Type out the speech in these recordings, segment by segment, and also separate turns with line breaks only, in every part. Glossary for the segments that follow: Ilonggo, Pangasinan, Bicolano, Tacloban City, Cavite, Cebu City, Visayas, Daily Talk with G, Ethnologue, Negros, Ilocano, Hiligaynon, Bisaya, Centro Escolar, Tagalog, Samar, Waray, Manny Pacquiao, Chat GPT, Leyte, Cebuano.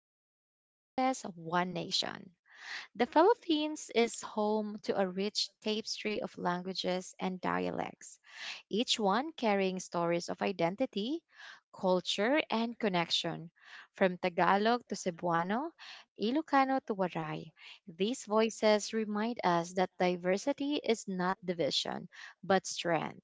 Many Voices, One Nation. The Philippines is home to a rich tapestry of languages and dialects, each one carrying stories of identity, culture, and connection. From Tagalog to Cebuano, Ilocano to Waray, these voices remind us that diversity is not division, but strength.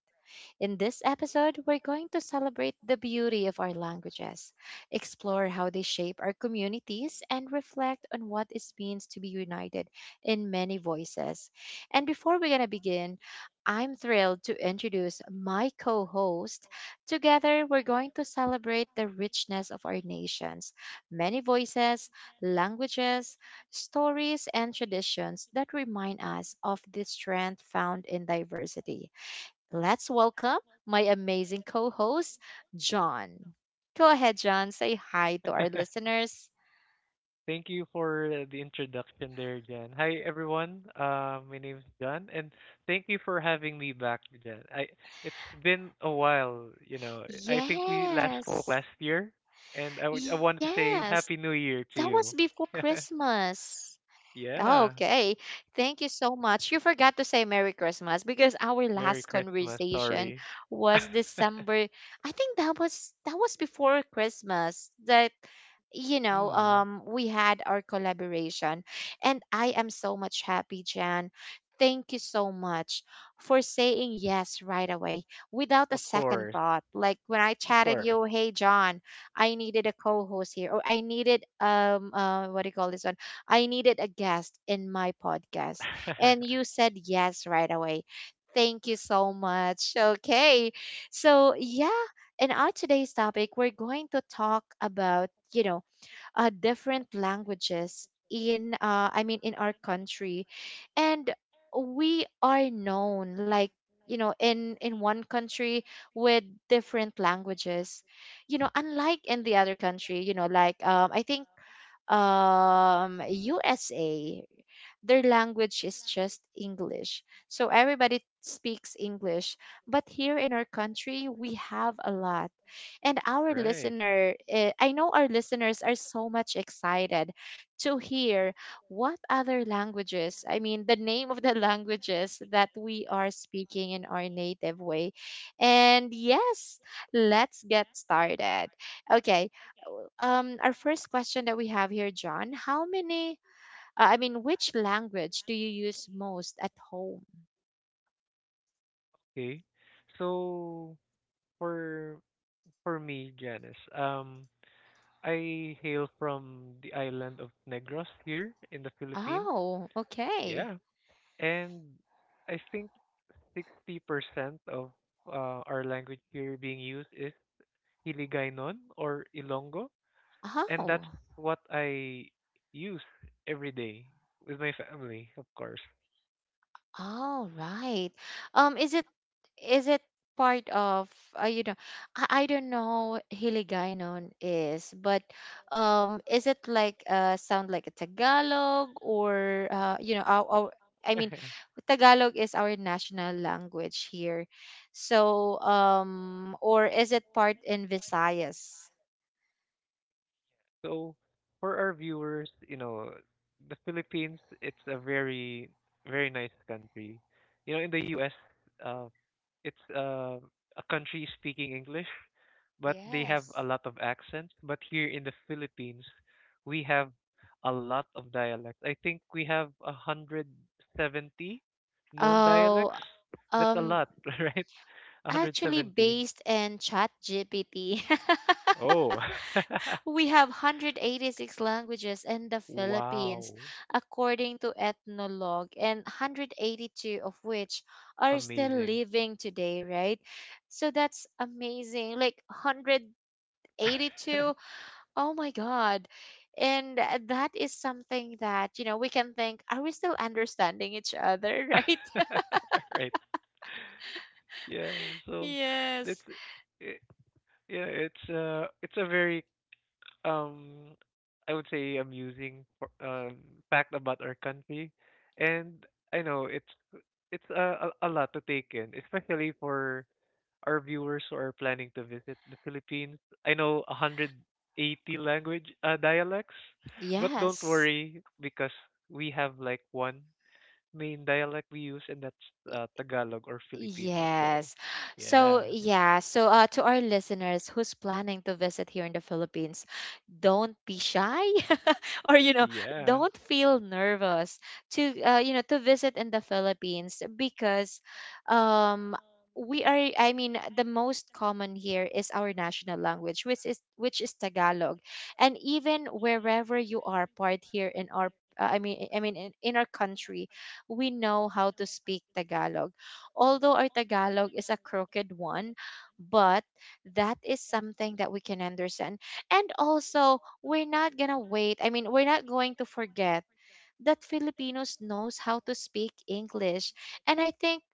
In this episode, we're going to celebrate the beauty of our languages, explore how they shape our communities, and reflect on what it means to be united in many voices. And before we're going to begin, I'm thrilled to introduce my co host. Together, we're going to celebrate the richness of our nations, many voices, languages, stories, and traditions that remind us of the strength found in diversity. Let's welcome my amazing co host, John. Go ahead, John. Say hi to our listeners.
Thank you for the introduction there, Jen. Hi, everyone. My name's John, and thank you for having me back, Jen. I it's been a while, you know. I think we last spoke
Yes.
last year, and I wanted to say
Yes, that
Happy
was
New Year
before
to you.
Christmas. Oh,
yeah,
okay. Thank you so much. You forgot to say Merry Christmas because our last
Merry Christmas.
conversation
Sorry.
was December. I think that was before Christmas that
mm,
we had our collaboration, and I am so much happy, Jan. Thank you so much for saying yes right away without a
of
second
course,
thought. Like when I
of
chatted
course.
you, hey John, I needed a co-host here, or I needed what do you call this one? I needed a guest in my podcast. And you said yes right away. Thank you so much. Okay. So, yeah, in our today's topic, we're going to talk about, you know, different languages in I mean in our country, and we are known like, you know, in one country with different languages, you know, unlike in the other country, you know, like I think USA, their language is just English, so everybody speaks English. But here in our country we have a lot, and our
Right.
listener, eh, I know our listeners are so much excited to hear what other languages, I mean, the name of the languages that we are speaking in our native way. And yes, let's get started. Okay. Our first question that we have here, John, I mean, which language do you use most at home?
Okay. So for for me, Janice, I hail from the island of Negros here in the Philippines.
Oh, okay.
Yeah. And I think 60% of our language here being used is Hiligaynon or Ilonggo. And that's
Oh.
what I use every day with my family, of course.
All right. Um, is it is it part of you know, I don't know what Hiligaynon is, but is it like sound like a Tagalog, or you know, our I mean, Tagalog is our national language here, so or is it part in Visayas?
So for our viewers, you know, the Philippines, it's a very, very nice country. You know, in the US, uh, it's a country speaking English, but they have
Yes.
a lot of accents. But here in the Philippines, we have a lot of dialects. I think we have a 170 known
Oh,
dialects. That's a
um,
lot, right?
actually
170.
based in Chat GPT.
Oh,
We have 186 languages in the Philippines,
wow.
according to Ethnologue, and 182 of which are still
Amazing.
living today, right? So that's amazing. Like 182. Oh my God. And that is something that, you know, we can think, are we still understanding each other, right?
Right. Yeah. So that's
Yes.
it, yeah, it's it's a very um I would say fact about our country. And I know it's a lot to take in, especially for our viewers who are planning to visit the Philippines. I know 180 language dialects, but don't
Yes.
worry because we have like one main dialect we use, and that's Tagalog or Filipino. So,
Yes.
yeah,
So, yeah. So, to our listeners who's planning to visit here in the Philippines, don't be shy or, you know,
yeah,
don't feel nervous to, you know, to visit in the Philippines because, um, we are, I mean, the most common here is our national language, which is Tagalog. And even wherever you are part here in our in our country, we know how to speak Tagalog, although our Tagalog is a crooked one, but that is something that we can understand. And also, we're not going to wait. I mean, we're not going to forget that Filipinos knows how to speak English. And I think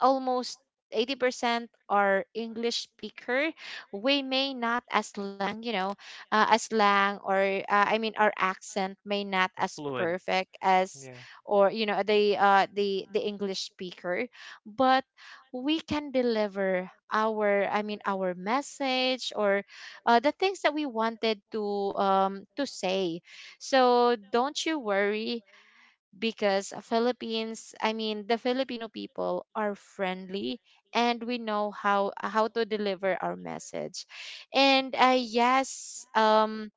almost 80% are English speaker. We may not as lang, you know, as lang, or I mean, our accent may not as
fluent.
perfect as
Yeah.
or you know, the the English speaker, but we can deliver our, I mean, our message, or the things that we wanted um to say. So don't you worry, because Philippines, I mean, the Filipino people are friendly, and we know how to deliver our message. And yes,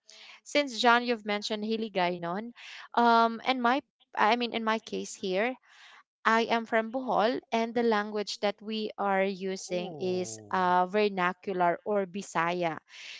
since John you've mentioned Hiligaynon, and my, I mean, in my case here, I am from Bohol, and the language that we are using is
Oh.
vernacular or Bisaya.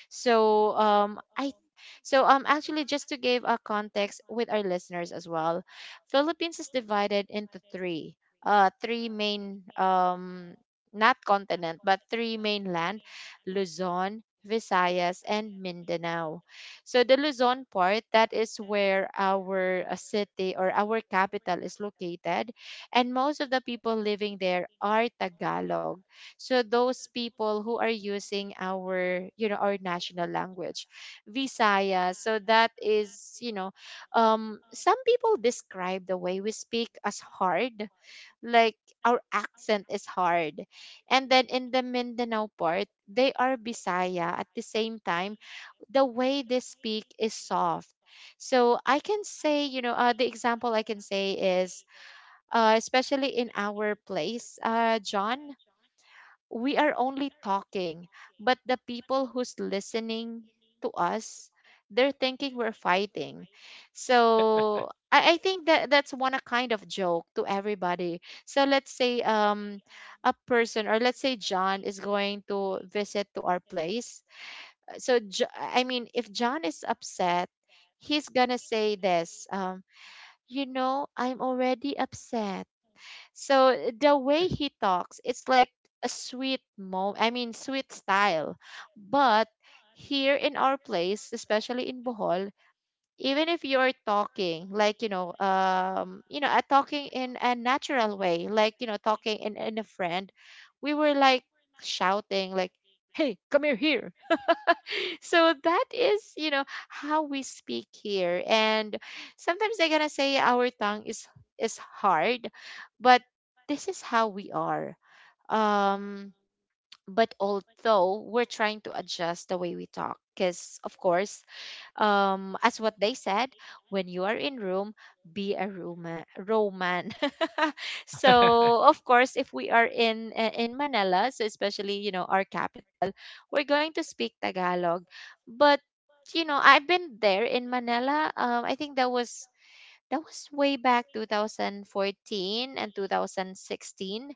So I so actually just to give a context with our listeners as well, Philippines is divided into three main not continent, but three mainland: Luzon, Visayas, and Mindanao. So the Luzon part, that is where our city or our capital is located, and most of the people living there are Tagalog. So those people who are using our, you know, our national language, Visaya. So that is, you know, some people describe the way we speak as hard, like our accent is hard. And then in the Mindanao part, they are Bisaya. At the same time, the way they speak is soft. So I can say, you know, the example I can say is especially in our place, John, we are only talking, but the people who's listening to us, they're thinking we're fighting. So I think that that's one a kind of joke to everybody. So let's say a person, or let's say John is going to visit to our place. So I mean, if John is upset, he's gonna say this. You know, I'm already upset, so the way he talks, it's like a sweet mo I mean sweet style. But here in our place, especially in Bohol, even if you are talking like, you know, talking in a natural way, like, you know, talking in a friend, we were like shouting like, "Hey, come here so that is you know how we speak here. And sometimes they're gonna say our tongue is hard, but this is how we are. um but although we're trying to adjust the way we talk, because of course, as what they said, when you are in Room, be a Roma, Roman. So of course if we are in Manila, so especially you know our capital, we're going to speak Tagalog. But you know, I've been there in Manila. I think that was way back 2014 and 2016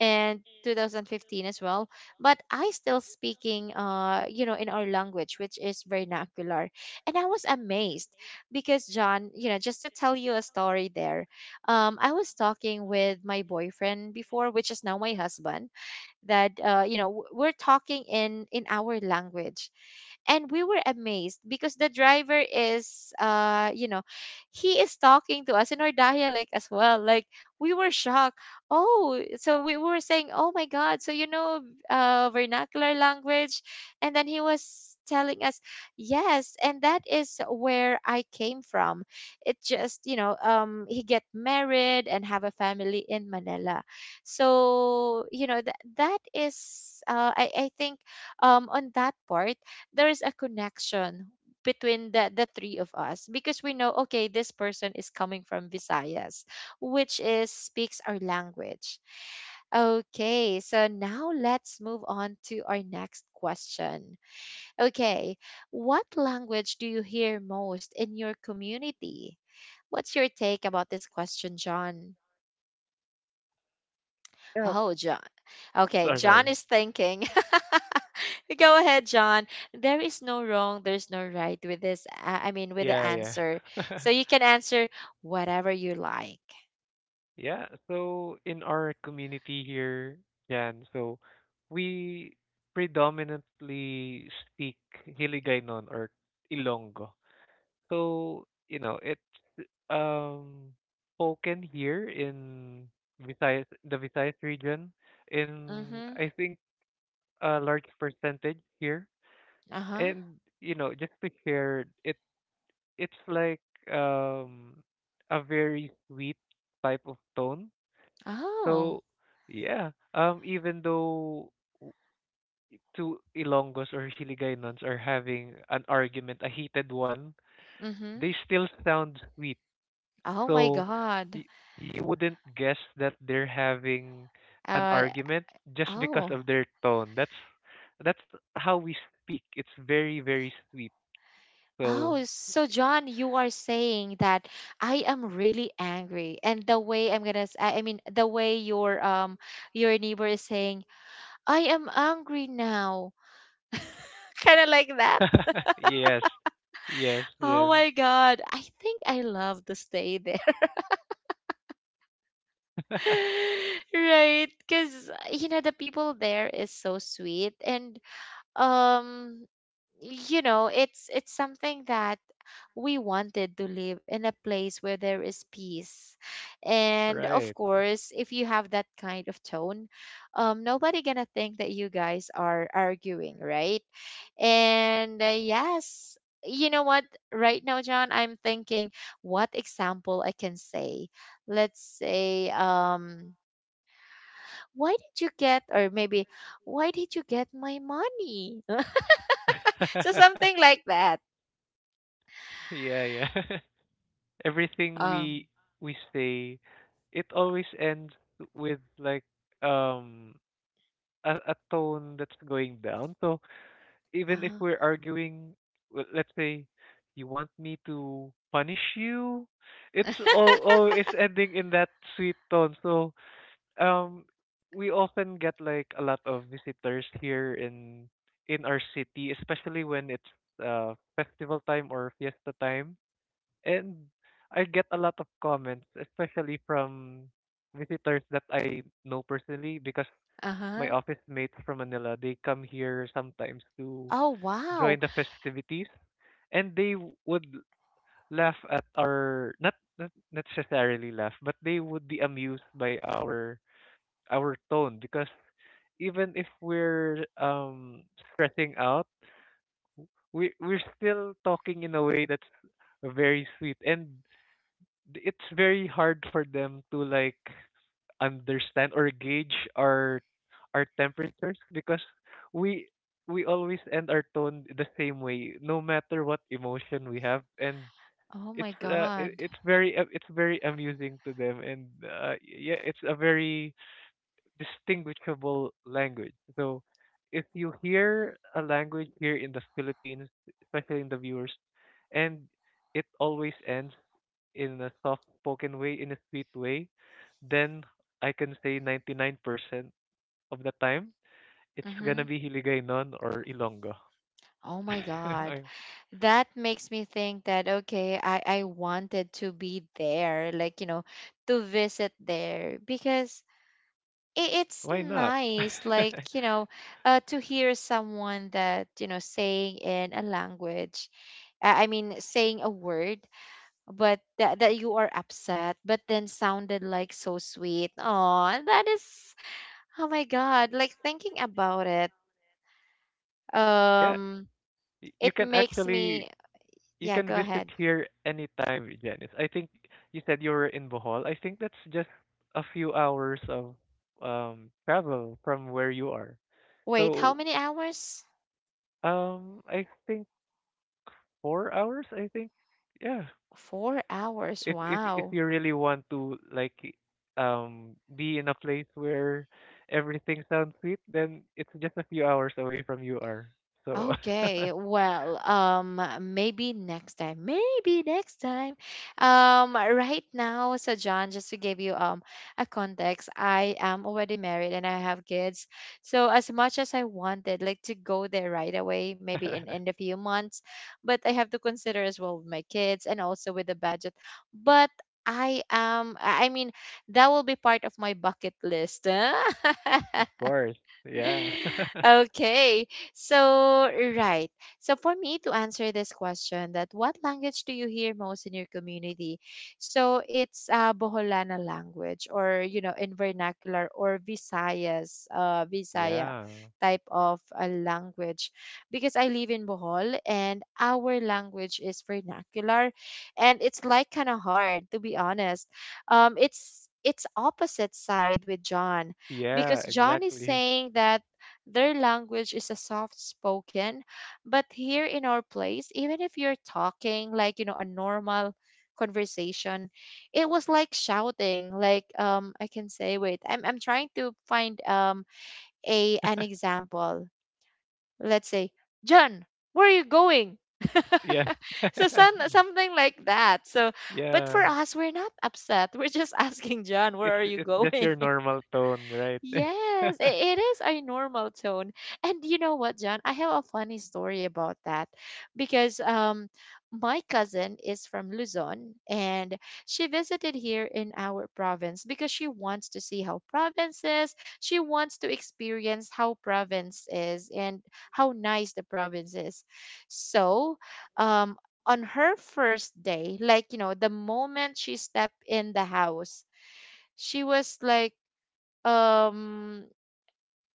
and 2015 as well, but I still speaking you know, in our language, which is vernacular. And I was amazed because, John, you know, just to tell you a story there, I was talking with my boyfriend before, which is now my husband, that you know, we're talking in our language, and we were amazed because the driver is you know, he is talking to us in our dialect as well. Like, we were shocked. Oh, so we were saying, oh my god, so you know, vernacular language. And then he was telling us, yes, and that is where I came from. It just, you know, he get married and have a family in Manila. So you know, that is I think on that part there is a connection between the three of us, because we know, okay, this person is coming from Visayas, which is speaks our language. Okay, so now let's move on to our next question. Okay, what language do you hear most in your community? What's your take about this question, John? Oh, John. Okay, John
Sorry.
is thinking. Go ahead, John. There is no wrong, there's no right with this. I mean, with the
Yeah, yeah.
answer. So you can answer whatever you like.
Yeah, so in our community here, Jan, so we predominantly speak Hiligaynon or Ilonggo. So, you know, it's um spoken here in Visayas, the Visayas region, in
Mm-hmm.
I think a large percentage here.
Uh-huh.
And, you know, just to share, it's like um a very sweet type of tone.
Oh.
So, yeah, even though w- two Ilonggos or Hiligaynon are having an argument, a heated one,
Mm-hmm.
they still sound sweet.
Oh my
So
God.
y- you wouldn't guess that they're having an
Uh,
argument just because
oh.
of their tone. That's how we speak. It's very, very sweet. So
Oh, so John, you are saying that I am really angry, and the way I'm gonna, I mean, the way your neighbor is saying, I am angry now, kind of like that.
yes. Yes,
Oh
yes.
my god, I think I love to stay there. Right? Cuz you know the people there is so sweet, and um you know, it's something that we wanted to live in a place where there is peace. And of
Right.
course, if you have that kind of tone, nobody going to think that you guys are arguing, right? And yes, you know what? Right now, John, I'm thinking what example I can say. Let's say, why did you get, or maybe, why did you get my money? So something like that.
Yeah, yeah. Everything
Um,
we say, it always ends with like um a tone that's going down. So even if
uh,
we're arguing, well, let's say you want me to punish you, it's all always ending in that sweet tone. So um, we often get like a lot of visitors here in our city, especially when it's festival time or fiesta time, and I get a lot of comments, especially from visitors that I know personally because
uh-huh.
my office mates from Manila, they come here sometimes to
Oh, wow.
join the festivities and they would laugh at our not necessarily laugh, but they would be amused by our tone because even if we're stressing out, we're still talking in a way that's very sweet, and it's very hard for them to like understand or gauge our temperatures because we we always end our tone the same way no matter what emotion we have. And
Oh
it's
my God.
it's it's very amusing to them. And yeah, it's a very distinguishable language. So if you hear a language here in the Philippines, especially in the viewers, and it always ends in a soft spoken way, in a sweet way, then I can say 99% of the time it's gonna
Mm-hmm.
be Hiligaynon or Ilonggo.
Oh my God.
I-
That makes me think that, okay, I wanted to be there, like, to visit there because it's
Why not?
nice like you know To hear someone that you know saying in a language, I mean saying a word but that you are upset but then sounded like so sweet. Oh, that is, oh my god, like, thinking about it.
yeah,
um
you
it
can
makes
actually
me...
you
Yeah,
can
go
visit
ahead.
here anytime, Janice. I think you said you were in Bohol. I think that's just a few hours of travel from where you are.
Wait, how
So,
many hours?
I think 4 hours, I think. Yeah,
4 hours,
if
wow.
you really want to like be in a place where everything sounds sweet, then it's just a few hours away from you are. So
Okay, well, maybe next time, maybe next time. Right now, so John, just to give you a context, I am already married and I have kids. So as much as I wanted, like, to go there right away, maybe in a few months, but I have to consider as well with my kids and also with the budget. But I am, I mean, that will be part of my bucket list.
of course, yeah,
Okay. So, right. So, for me to answer this question, that what language do you hear most in your community? So, it's Boholana language or, you know, in vernacular or Visayas, Visaya
yeah,
type of a language, because I live in Bohol and our language is vernacular and it's like kind of hard to be honest. It's opposite side with John,
yeah,
because John is
exactly,
saying that their language is a soft spoken, but here in our place, even if you're talking, like, you know, a normal conversation, it was like shouting. Like, I can say, wait, I'm trying to find a an example. Let's say, John, where are you going?
yeah,
So some, something like that. So but for
yeah.
us, we're not upset. We're just asking John, where are you
It's just
going?
your normal tone, right?
Yes, it is a normal tone. And you know what, John? I have a funny story about that because my cousin is from Luzon and she visited here in our province because she wants to see how province is. She wants to experience how province is and how nice the province is. So, um on her first day, like, you know, the moment she stepped in the house, she was like, um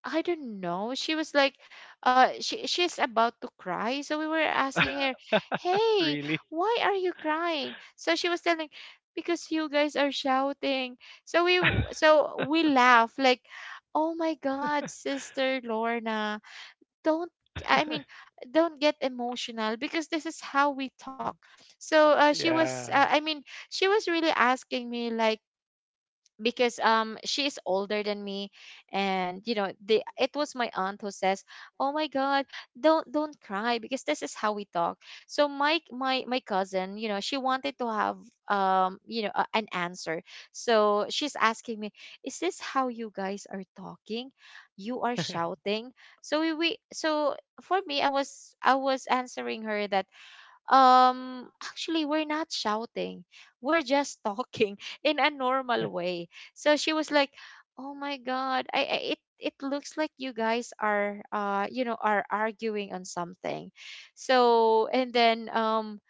I don't know. She was like, she she's about to cry. So we were asking her, "Hey,
really?
why are you crying?" So she was telling, "Because you guys are shouting." So so we laugh like, "Oh my God, Sister Lorna, don't." I mean, don't get emotional because this is how we talk. So she was,
yeah.
I mean, she was really asking me, like, because she is older than me. And you know, the it was my aunt who says, oh my god, don't cry because this is how we talk. So my cousin, you know, she wanted to have, you know, a, an answer. So she's asking me, is this how you guys are talking? You are shouting? So we so for me, I was answering her that actually we're not shouting, we're just talking in a normal way. So she was like, oh my god, I, it looks like you guys are you know are arguing on something. So and then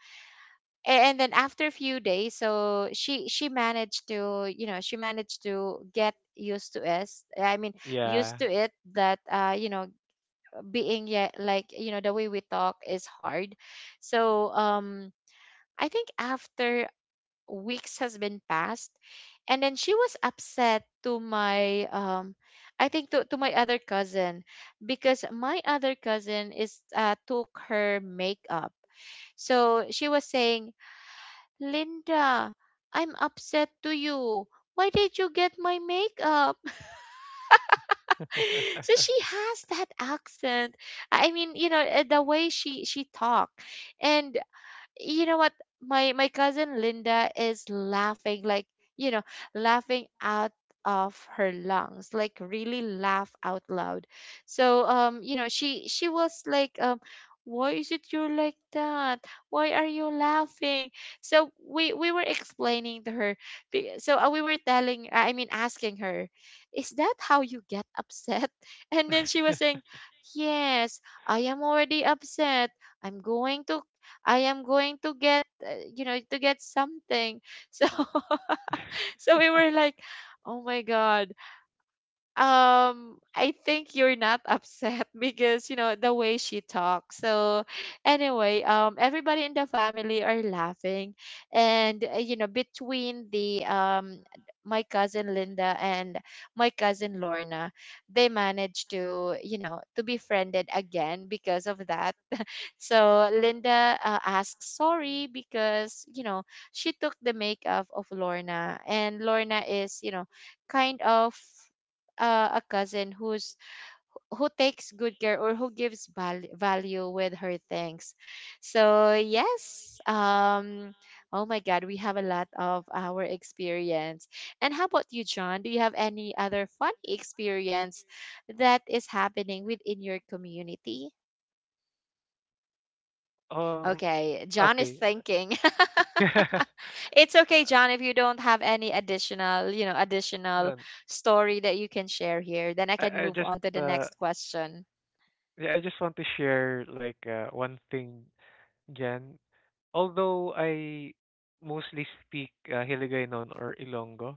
and then after a few days, so she managed to, you know, she managed to get used to us, I mean,
yeah.
used to it that you know, being, yeah, like, you know, the way we talk is hard. So I think after weeks has been passed, and then she was upset to my, I think to my other cousin, because my other cousin is took her makeup. So she was saying, "Linda, I'm upset to you. Why did you get my makeup?" So she has that accent. I mean, you know, the way she talk. And you know what, my cousin Linda is laughing, like, you know, laughing out of her lungs, like really laugh out loud. So you know, she was like, why is it you're like that, why are you laughing? So we were explaining to her, so we were telling, I mean, asking her, is that how you get upset? And then she was saying, yes, I am already upset, i'm going to I am going to get, you know, to get something. So, so we were like, oh my God. I think you're not upset because, you know, the way she talks. So anyway, everybody in the family are laughing. And, you know, between the, my cousin Linda and my cousin Lorna, they managed to, you know, to be friended again because of that. So Linda asks sorry because, you know, she took the makeup of Lorna, and Lorna is, you know, kind of a cousin who's who takes good care or who gives value with her things. So, yes, oh my god, we have a lot of our experience. And how about you, John? Do you have any other funny experience that is happening within your community?
Um,
Okay, John is
okay.
thinking. It's okay,
Uh,
John, if you don't have any additional, you know, additional
um,
story that you can share here, then I can
I
move
just
on to the next question.
yeah, I just want to share like one thing, Jen. Although I mostly speak Hiligaynon or Ilonggo,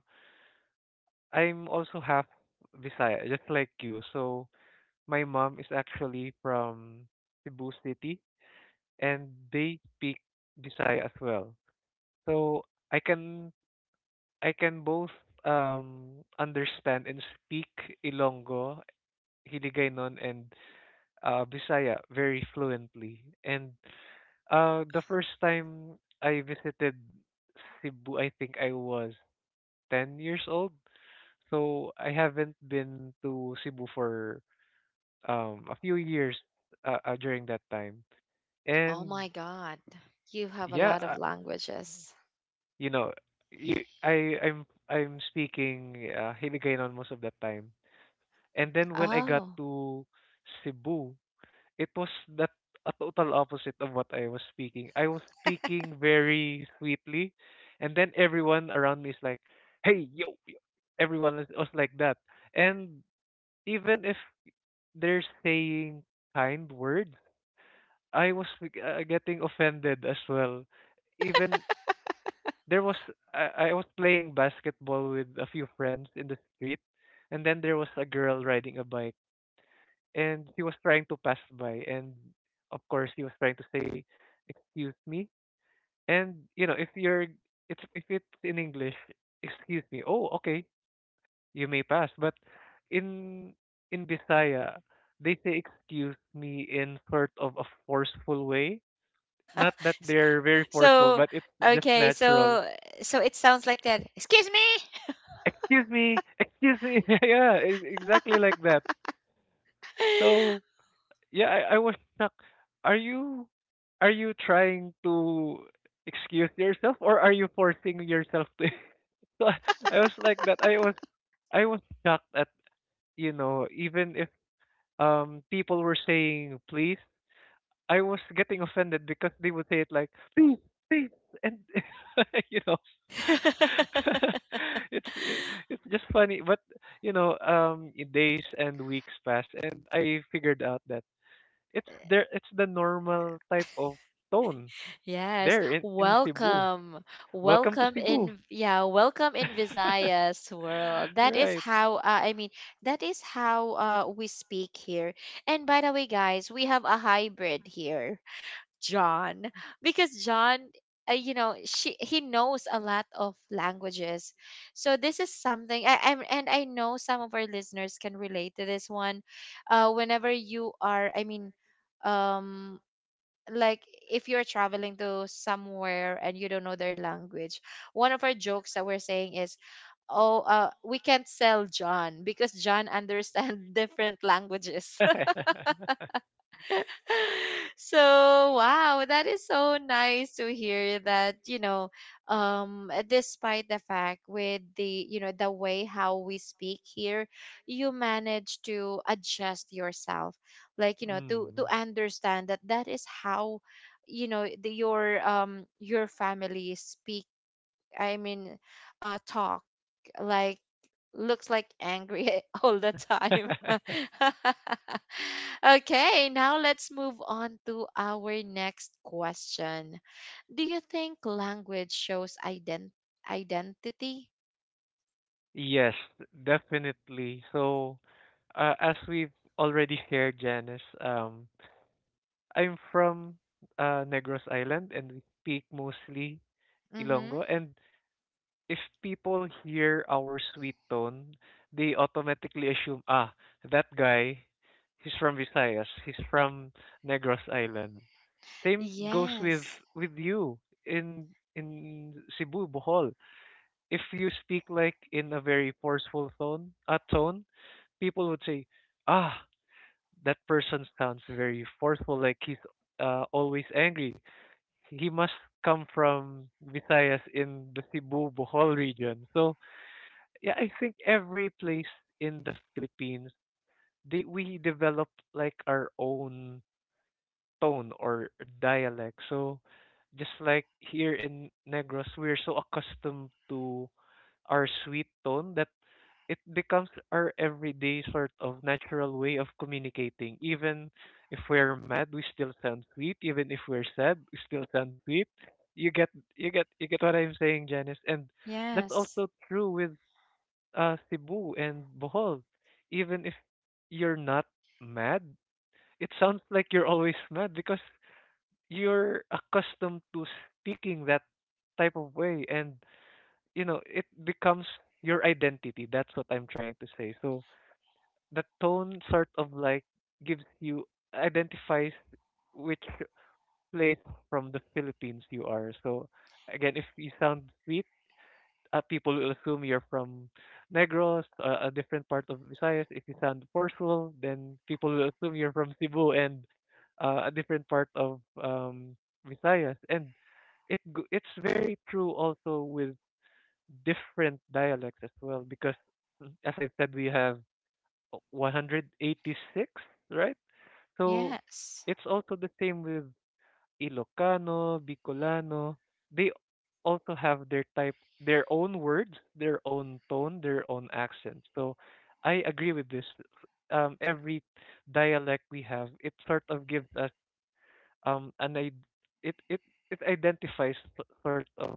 I'm also half Visaya, just like you. So my mom is actually from Cebu City and they speak Visaya as well. So I can I can both understand and speak Ilonggo, Hiligaynon and Bisaya very fluently. And the first time I visited Cebu, I think I was 10 years old. So I haven't been to Cebu for a few years during that time.
Oh
And
my God, you have a
yeah,
lot of languages.
you know, you, I I'm speaking Hiligaynon most of that time. And then when I got
Oh.
to Cebu, it was that a total opposite of what I was speaking. I was speaking very sweetly, and then everyone around me is like, "Hey, yo! Yo." Everyone was like that, and even if they're saying kind words, I was like, getting offended as well. Even there was I was playing basketball with a few friends in the street, and then there was a girl riding a bike and he was trying to pass by, and of course he was trying to say excuse me. And you know, if it's in English, excuse me, oh okay, you may pass. But in in Bisaya, they say excuse me in sort of a forceful way, not that
S-
they're very forceful,
So,
but it's just
okay, so
natural.
so it sounds like that. Excuse me.
Excuse me, excuse me. Yeah, exactly like that. So yeah, I was stuck. Are you are you trying to excuse yourself, or are you forcing yourself to? So I was like that. I was shocked at, you know, even if people were saying please, I was getting offended because they would say it like please, please and you know it's it- it's just funny. But you know, days and weeks pass, and I figured out that it's there. It's the normal type of tone
Yes,
there in Cebu.
welcome.
Welcome to
Welcome
Cebu.
in, yeah, welcome in Visayas world. That is
right.
how, I mean, that is how we speak here. And by the way, guys, we have a hybrid here, John, because John, you know, she he knows a lot of languages. So this is something I, I'm, and I know some of our listeners can relate to this one. Whenever you are, I mean, um like, if you're traveling to somewhere and you don't know their language, one of our jokes that we're saying is, oh, we can't sell John because John understands different languages. So wow, that is so nice to hear that, you know, despite the fact with the, you know, the way how we speak here, you manage to adjust yourself, like, you know, to
mm.
understand that that is how, you know, the, your family speak, I mean, talk, like, looks like angry all the time. Okay, now let's move on to our next question. Do you think language shows identity?
yes, definitely. So, as we've already shared, Janice, I'm from Negros Island, and we speak mostly
Mm-hmm.
Ilongo, and if people hear our sweet tone, they automatically assume, ah, that guy, he's from Visayas, he's from Negros Island. Same goes
Yes,
with you in in Cebu, Bohol. If you speak like in a very forceful tone, people would say, ah, that person sounds very forceful, like he's always angry. He must come from Visayas in the Cebu, Bohol region. So yeah, I think every place in the Philippines, they we develop like our own tone or dialect. So just like here in Negros, we're so accustomed to our sweet tone that it becomes our everyday sort of natural way of communicating. Even if we're mad, we still sound sweet. Even if we're sad, we still sound sweet. You get you get what I'm saying, Janice. And that's
yes,
also true with Cebu and Bohol, even if you're not mad, it sounds like you're always mad because you're accustomed to speaking that type of way, and you know it becomes your identity. That's what I'm trying to say. So the tone sort of like gives you identifies which place from the Philippines you are. So again, if you sound sweet, people will assume you're from Negros, a different part of Visayas. If you sound forceful, then people will assume you're from Cebu and a different part of Visayas. And it's very true also with different dialects as well because, as I said, we have 186, right? So
yes.
it's also the same with Ilocano, Bicolano, they also have their type, their own words, their own tone, their own accent. So I agree with this. Every dialect we have, it sort of gives us an id- it it it identifies sort of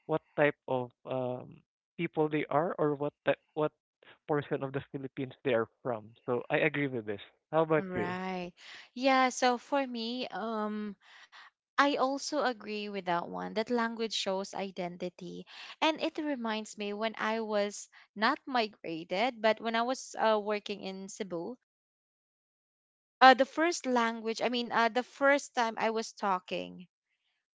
what type of people they are, or what type, what portion of the Philippines they are from. So I agree with this. How about you?
Right. Yeah, so for me, I also agree with that one that language shows identity. And it reminds me when I was not migrated, but when I was working in Cebu, the first language, I mean, the first time I was talking,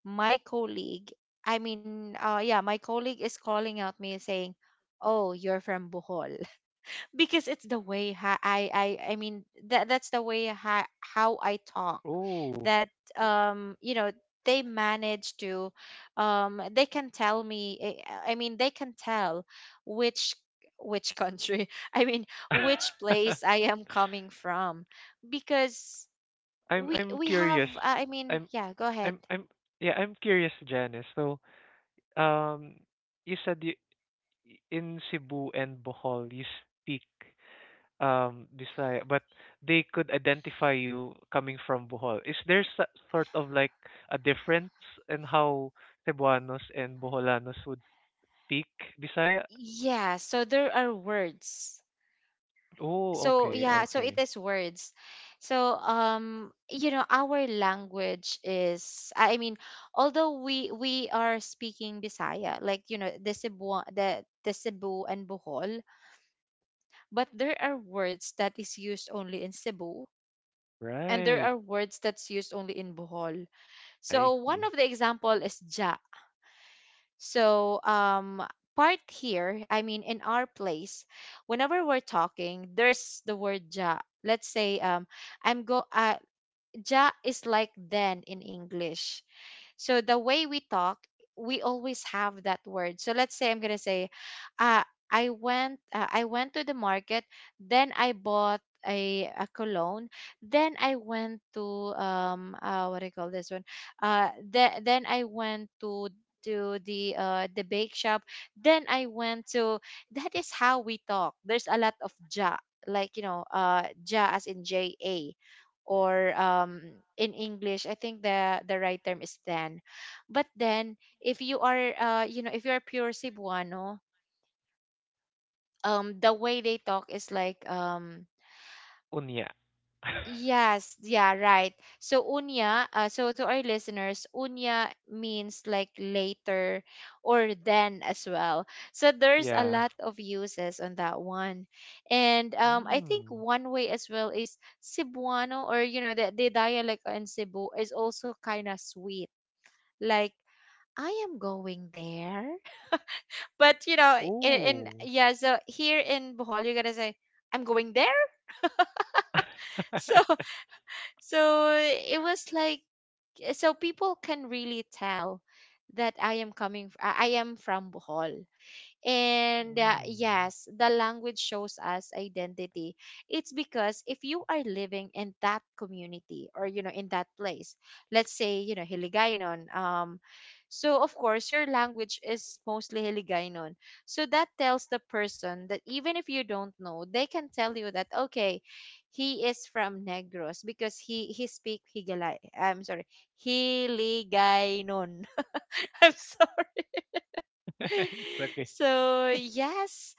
my colleague, I mean, yeah, my colleague is calling out me saying, oh, you're from Bohol because it's the way how I mean that that's the way how I talk,
Oh.
that you know they manage to they can tell me, I mean, they can tell which which country I mean which place I am coming from, because we
I'm
we have,
curious.
I mean,
I'm
yeah, go ahead.
I'm Yeah, I'm curious, Janice. So, um, you said in Cebu and Bohol you speak Bisaya, but they could identify you coming from Bohol. Is there sort of like a difference in how Cebuanos and Boholanos would speak Bisaya?
Yeah, so there are words.
Oh,
So
okay,
yeah, so it
okay.
is words. So you know, our language is, I mean, although we are speaking Bisaya, like, you know, the Cebu, the Cebu and Bohol, but there are words that is used only in Cebu, and there
Right.
are words that's used only in Bohol.
I
So one of
see.
the example is ja. So, part here, I mean, in our place, whenever we're talking, there's the word ja. Let's say, I'm go. I ja is like then in English. So the way we talk, we always have that word. So let's say I'm gonna say, uh, I went to the market, then I bought a cologne, then I went to what do you call this one? Then I went to the bake shop, then I went to, that is how we talk, there's a lot of ja, like, you know, ja as in ja, or in English, I think the right term is then. But then, if you are, you know, if you are pure Cebuano, the way they talk is like,
Unya.
yes, yeah, right. So unya, so to our listeners, unya means like later or then as well. So there's a
yeah.
lot of uses on that one. And I think
Mm.
one way as well is Cebuano or, you know, the dialect in Cebu is also kind of sweet. Like, I am going there. But you know, in
Oh.
yeah, so here in Bohol you're gonna say, I'm going there. So so it was like, so people can really tell that I am coming I am from Bohol. And
Mm.
yes, the language shows us identity. It's because if you are living in that community or, you know, in that place, let's say you know Hiligaynon, so of course your language is mostly Hiligaynon. So that tells the person that even if you don't know, they can tell you that okay, he is from Negros because he speak Higalay. I'm sorry, Hiligaynon. I'm sorry.
It's okay.
So yes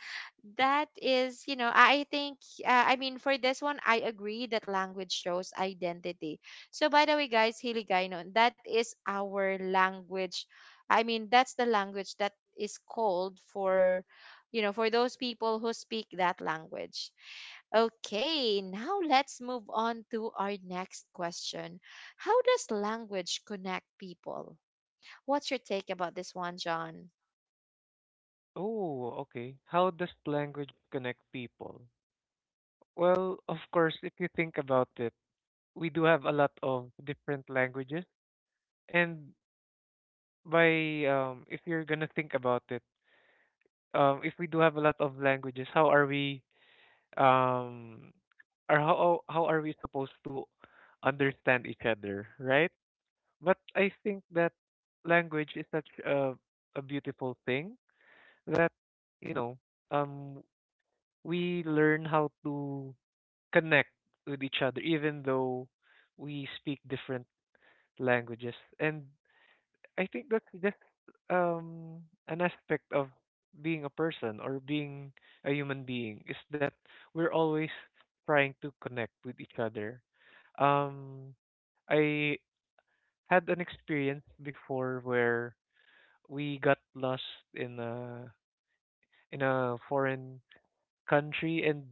that is you know I think I mean, for this one, I agree that language shows identity. So by the way, guys, Hiligaynon, that is our language. I mean, that's the language that is called for, you know, for those people who speak that language. Okay, now let's move on to our next question. How does language connect people? What's your take about this one, John?
Oh, okay. How does language connect people? Well, of course, if you think about it, we do have a lot of different languages. And by, if you're gonna think about it, if we do have a lot of languages, how are we, um, or how are we supposed to understand each other, right? But I think that language is such a beautiful thing that you know um we learn how to connect with each other, even though we speak different languages. And I think that's just um an aspect of being a person, or being a human being, is that we're always trying to connect with each other. Um i had an experience before where we got lost in a foreign country, and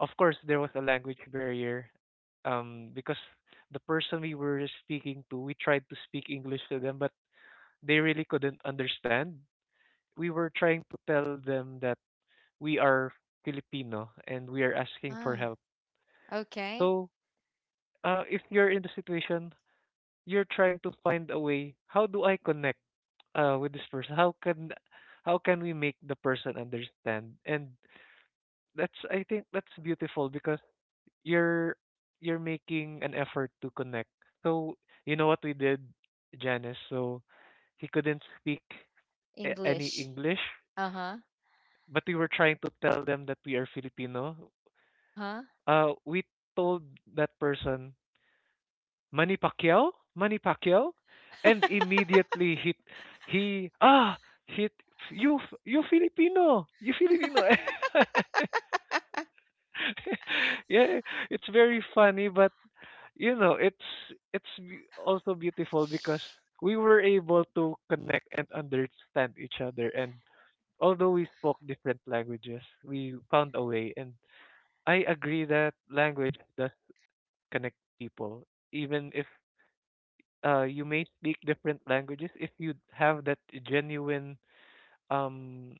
of course there was a language barrier, because the person we were speaking to, we tried to speak English to them, but they really couldn't understand. We were trying to tell them that we are Filipino and we are asking for
Ah.
help.
Okay.
So, if you're in the situation, you're trying to find a way: how do I connect with this person? How can, how can we make the person understand? And that's I think that's beautiful, because you're you're making an effort to connect. So you know what we did, Janice. So he couldn't speak any
English.
English,
Uh huh.
but we were trying to tell them that we are Filipino.
Uh huh.
We told that person, Manny Pacquiao, Manny Pacquiao, and immediately he ah he you, you Filipino, you Filipino. Yeah, it's very funny, but you know, it's it's also beautiful because we were able to connect and understand each other. And although we spoke different languages, we found a way. And I agree that language does connect people, even if, you may speak different languages. If you have that genuine, um,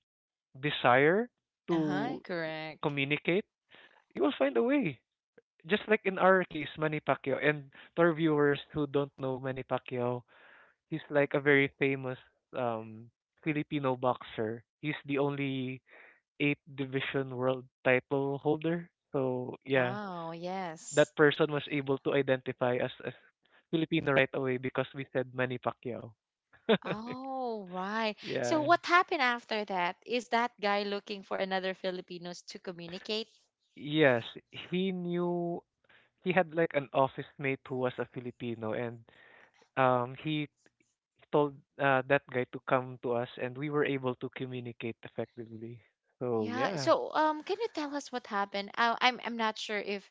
desire
Uh huh.
to
Correct.
communicate, you will find a way. Just like in our case, Manny Pacquiao. And for viewers who don't know Manny Pacquiao, he's like a very famous um Filipino boxer. He's the only eight division world title holder. So yeah,
Oh,
that
yes.
person was able to identify us as Filipino right away because we said Manny Pacquiao.
Oh, right. So,
Yeah.
what happened after that? Is that guy looking for another Filipinos to communicate?
Yes, he knew he had like an office mate who was a Filipino, and he told, that guy to come to us, and we were able to communicate effectively. So
Yeah.
yeah.
So, can you tell us what happened? I'm not sure if,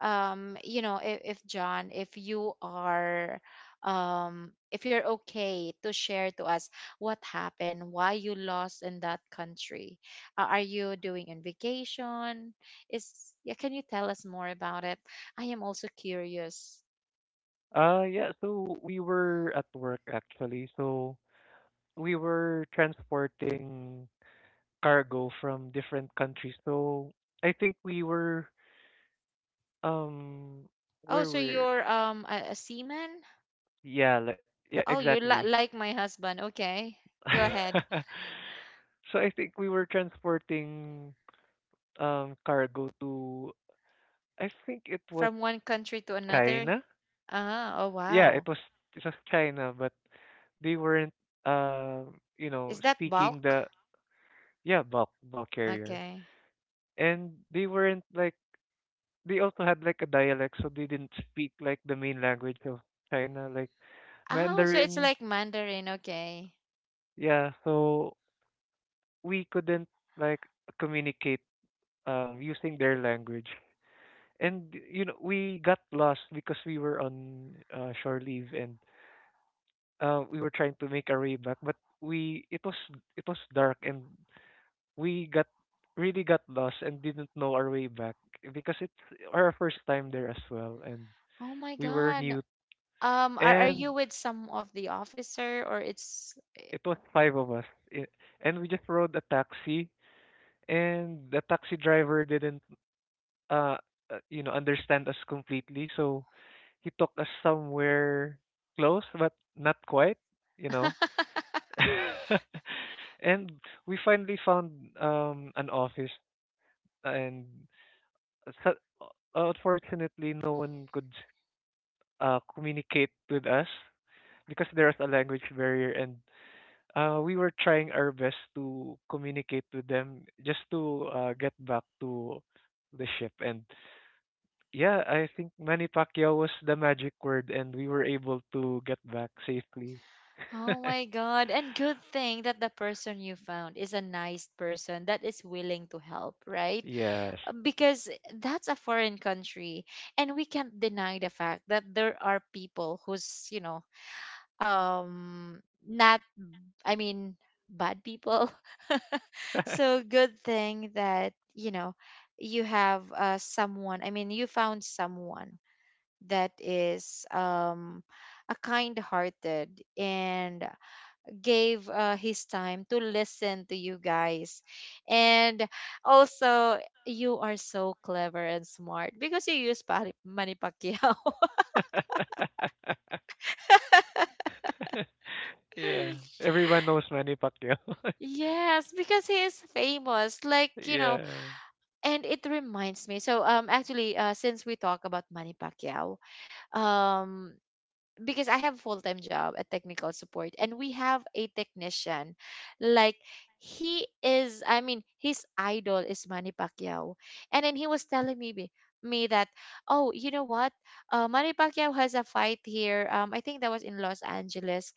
you know, if John, if you are, if you're okay to share to us what happened, why you lost in that country. Are you doing in vacation? Is yeah? Can you tell us more about it? I am also curious.
Yeah, so we were at work actually. So we were transporting cargo from different countries. So I think we were um
Oh,
where
so
we're
you're a seaman?
yeah, like, yeah,
Oh, you're
exactly.
li- like my husband. Okay, go ahead.
So I think we were transporting cargo to, I think it was,
From one country to another?
China.
Ah, oh
Yeah, it
wow.
was it was China, but they weren't, uh
Is that
speaking
bulk?
the. Yeah, bulk carrier.
Okay.
And they weren't like they also had, like, a dialect, so they didn't speak like the main language of China, like
Oh, so it's
Mandarin.
like Mandarin, okay.
Yeah, so we couldn't, like, communicate using their language. And we got lost because we were on, shore leave. And, we were trying to make our way back, but we it was dark. And we got really got lost and didn't know our way back because it's our first time there as well. And
Oh my
we were
God.
new,
Are
and
you with some of the officer or it's
it was five of us. I- And we just rode a taxi, and the taxi driver didn't, uh, understand us completely. So he took us somewhere close, but not quite, you know. And we finally found an office. And so, unfortunately, no one could communicate with us because there was a language barrier. And, we were trying our best to communicate with them, just to, get back to the ship. And yeah, I think Manny Pacquiao was the magic word, and we were able to get back safely.
Oh my God. And good thing that the person you found is a nice person that is willing to help, right?
Yes.
Because that's a foreign country. And we can't deny the fact that there are people who's, you know, not I mean bad people. So good thing that, you know, you have someone, I mean you found someone that is a kind hearted and gave his time to listen to you guys, and also you are so clever and smart because you use Pari- Manny Pacquiao.
Yeah. Everyone knows Manny Pacquiao.
Yes, because he is famous, like, you know.
Yeah.
And it reminds me, so actually, since we talk about Manny Pacquiao, um because I have a full-time job at technical support and we have a technician, like, he is, I mean, his idol is Manny Pacquiao. And then he was telling me be- me that, oh, you know what, Manny Pacquiao has a fight here, I think that was in Los Angeles.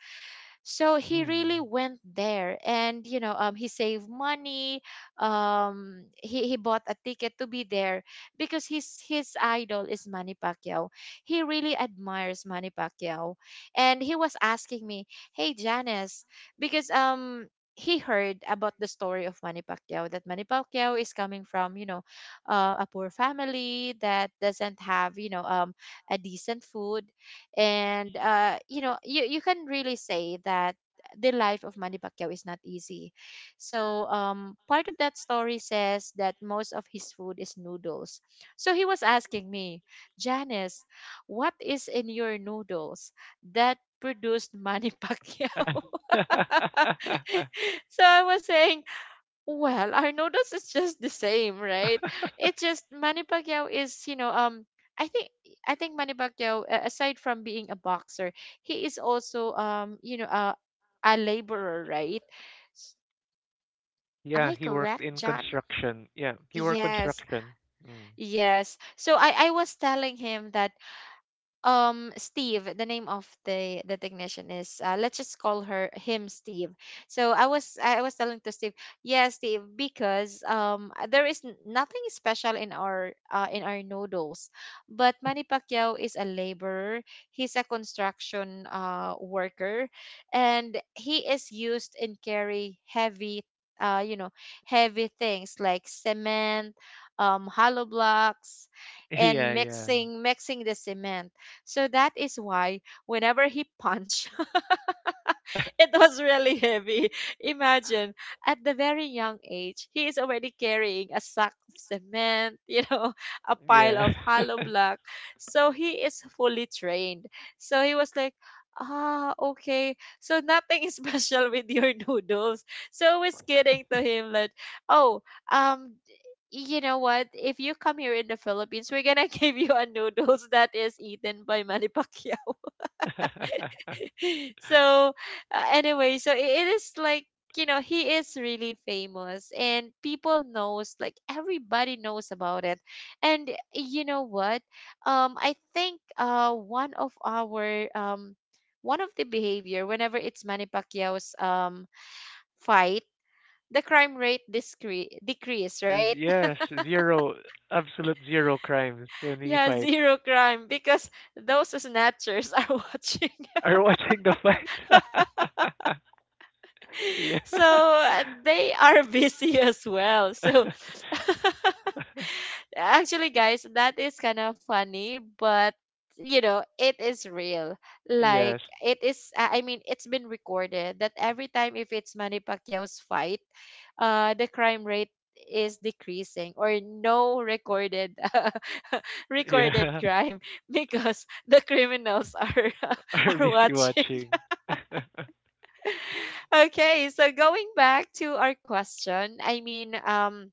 So he really
Mm.
went there and, you know, he saved money, he bought a ticket to be there because his idol is Manny Pacquiao. He really admires Manny Pacquiao. And he was asking me, "Hey Janice, because he heard about the story of Manny Pacquiao that Manny Pacquiao is coming from, you know, a poor family that doesn't have, you know, a decent food. And you know, you can really say that the life of Manny Pacquiao is not easy. So part of that story says that most of his food is noodles. So he was asking me, Janice, what is in your noodles that produced Manny Pacquiao?" So I was saying, well, I Arnoldo's it's just the same, right? It's just Manny Pacquiao is, you know, I think I think Manny Pacquiao, a- aside from being a boxer, he is also, you know, a laborer, right? S- Am
Yeah,
I
he worked
correct,
in
John?
construction. Yeah, he worked
Yes,
construction. Mm.
yes. So I was telling him that, Steve, the name of the technician is, let's just call her him Steve. So I was telling to Steve, yeah, Steve, because there is n- nothing special in our noodles, but Manny Pacquiao is a laborer, he's a construction worker, and he is used in carry heavy, you know, heavy things like cement, hollow blocks,
Yeah,
and
yeah.
mixing the cement. So that is why whenever he punch, it was really heavy. Imagine at the very young age, he is already carrying a sack of cement, you know, a pile
Yeah.
of hollow block. So he is fully trained. So he was like, ah, okay. So nothing is special with your noodles. So I was kidding to him that, oh, um, you know what? If you come here in the Philippines, we're gonna give you a noodles that is eaten by Manny Pacquiao. So anyway, so I- it is like, you know, he is really famous and people knows, like everybody knows about it. And you know what, I think, one of our one of the behavior whenever it's Manny Pacquiao's fight, the crime rate discre- decrease, right?
Yes, zero, absolute zero crimes when he
Yeah,
fights.
zero crime because those snatchers are watching.
Are watching the fight? Yeah.
So they are busy as well. So actually, guys, that is kind of funny, but you know, it is real. Like
Yes.
it is. I mean, it's been recorded that every time if it's Manny Pacquiao's fight, the crime rate is decreasing or no recorded recorded
Yeah.
crime because the criminals are
Are
are
busy
watching.
watching.
Okay, so going back to our question, I mean,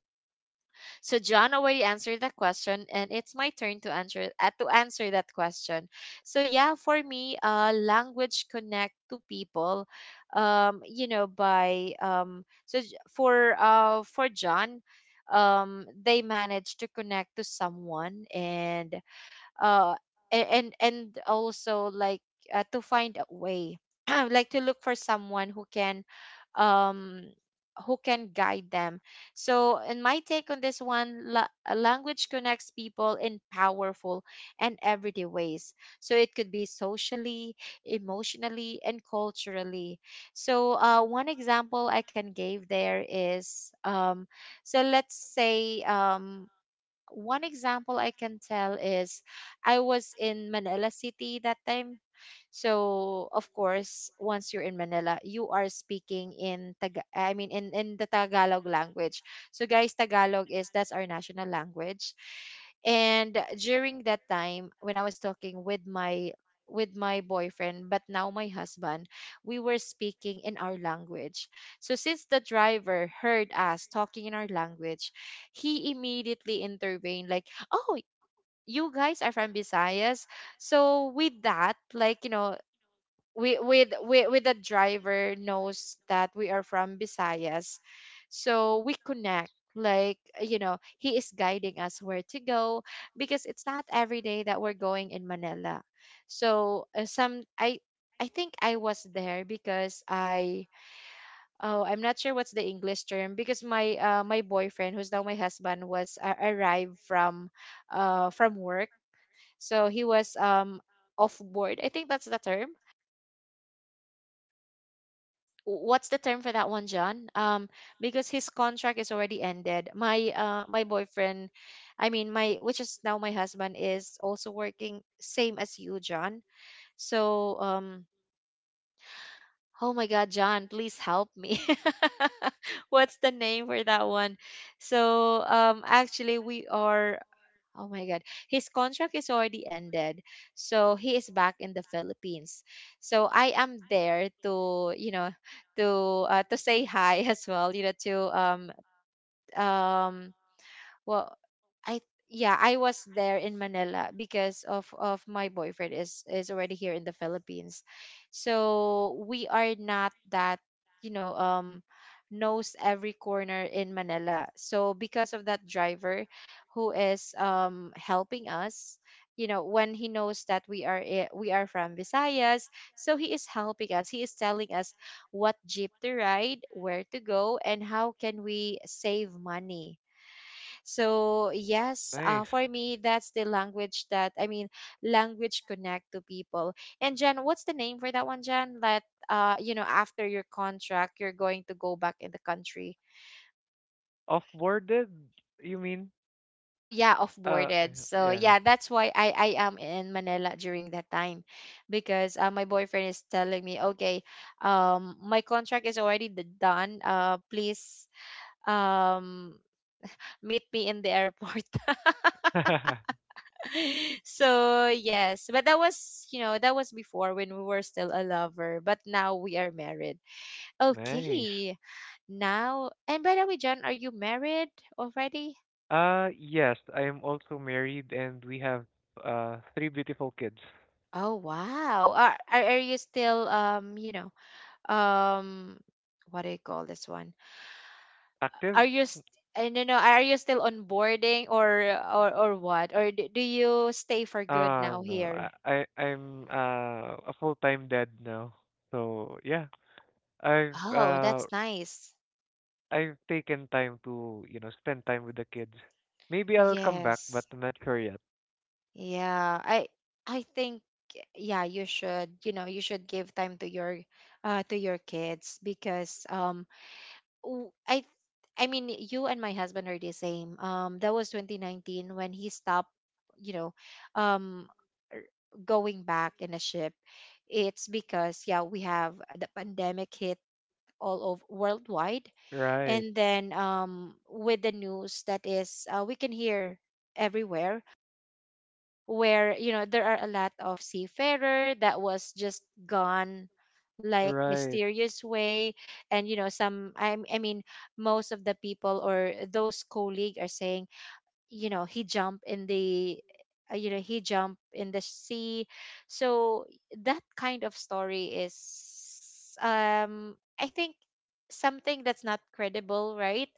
so John already answered that question, and it's my turn to answer that question. So yeah, for me, language connect to people, you know, by so j- for John, they manage to connect to someone, and uh a- and also like, to find a way like to look for someone um who can guide them. So in my take on this one, la- language connects people in powerful and everyday ways. So it could be socially, emotionally and culturally. So one example I can give there is so let's say one example I can tell is I was in Manila City that time. So, of course, once you're in Manila, you are speaking in Taga, I mean in the Tagalog language. So guys, Tagalog is that's our national language. And during that time when I was talking with my boyfriend, but now my husband, we were speaking in our language. So since the driver heard us talking in our language, he immediately intervened like, "Oh, you guys are from Visayas." So with that, like, you know, we with with the driver knows that we are from Visayas. So we connect, like, you know, he is guiding us where to go because it's not every day that we're going in Manila. So some I think I was there because I oh I'm not sure what's the English term because my my boyfriend who's now my husband was arrived from work. So he was off board. I think that's the term. What's the term for that one, John? Because his contract is already ended. My my boyfriend, I mean my, which is now my husband, is also working same as you, John. So oh my God, John, please help me. What's the name for that one? So actually we are Oh my God. His contract is already ended. So he is back in the Philippines. So I am there to, you know, to to say hi as well, you know, to um well I yeah I was there in Manila because of my boyfriend is already here in the Philippines. So we are not that, you know, knows every corner in Manila. So because of that driver who is helping us, you know, when he knows that we are I- we are from Visayas. So he is helping us, he is telling us what jeep to ride, where to go and how can we save money. So yes,
Nice.
for me, that's the language that I mean, language connect to people. And Jen, what's the name for that one, Jen? That you know, after your contract, you're going to go back in the country.
Off-boarded, you mean?
Oh yeah, off
Uh,
boarded. So
yeah.
yeah, that's why I am in Manila during that time, because my boyfriend is telling me, okay, my contract is already d- done. Please, um, meet me in the airport. So yes, but that was, you know, that was before when we were still a lover, but now we are married.
Nice.
Okay, now, and by the way, John, are you married already?
Yes, I am also married, and we have three beautiful kids.
Oh wow, are you still you know um what do you call this one, are
Active?
you st- I don't know. Are you still onboarding or what? Or do, do you stay for good
Uh
now
no.
here?
I'm a full-time dad now. So yeah, I've
Oh,
uh
that's nice.
I've taken time to, spend time with the kids. Maybe I'll come back, but
Yes.
I'm not sure yet.
Yeah, I think yeah, you should, you know, you should give time to your kids because w- I mean you and my husband are the same. That was 2019 when he stopped, you know, um er, going back in a ship. It's because yeah, we have the pandemic hit all over worldwide.
Right.
And then with the news that is we can hear everywhere, where you know there are a lot of seafarer that was just gone like
Right.
mysterious way. And you know some I mean, most of the people or those colleague are saying, you know, he jumped in the you know, he jumped in the sea. So that kind of story is I think something that's not credible, right?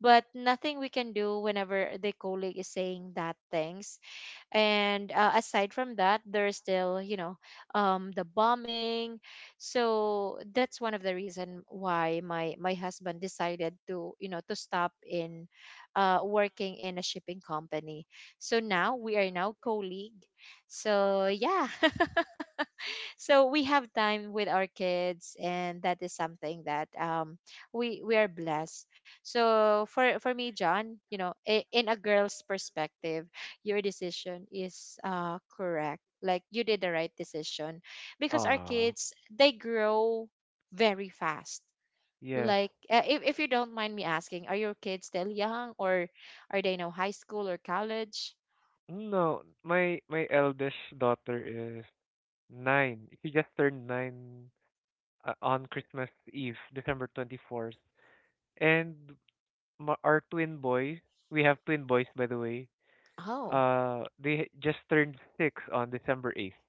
But nothing we can do whenever the colleague is saying that things. And aside from that, there's still, you know, the bombing. So that's one of the reason why my husband decided to, you know, to stop in working in a shipping company. So now we are now colleague. So yeah. So we have time with our kids, and that is something that we are blessed. So for me John, you know, in a girl's perspective, your decision is correct, like you did the right decision, because our
Ah.
kids, they grow very fast.
Yes.
Like if you don't mind me asking, are your kids still young, or are they now high school or college?
No, my eldest daughter is nine. She just turned nine, on Christmas Eve, December 24th. And our twin boys, we have twin boys, by the way.
Oh.
They just turned six on December 8th,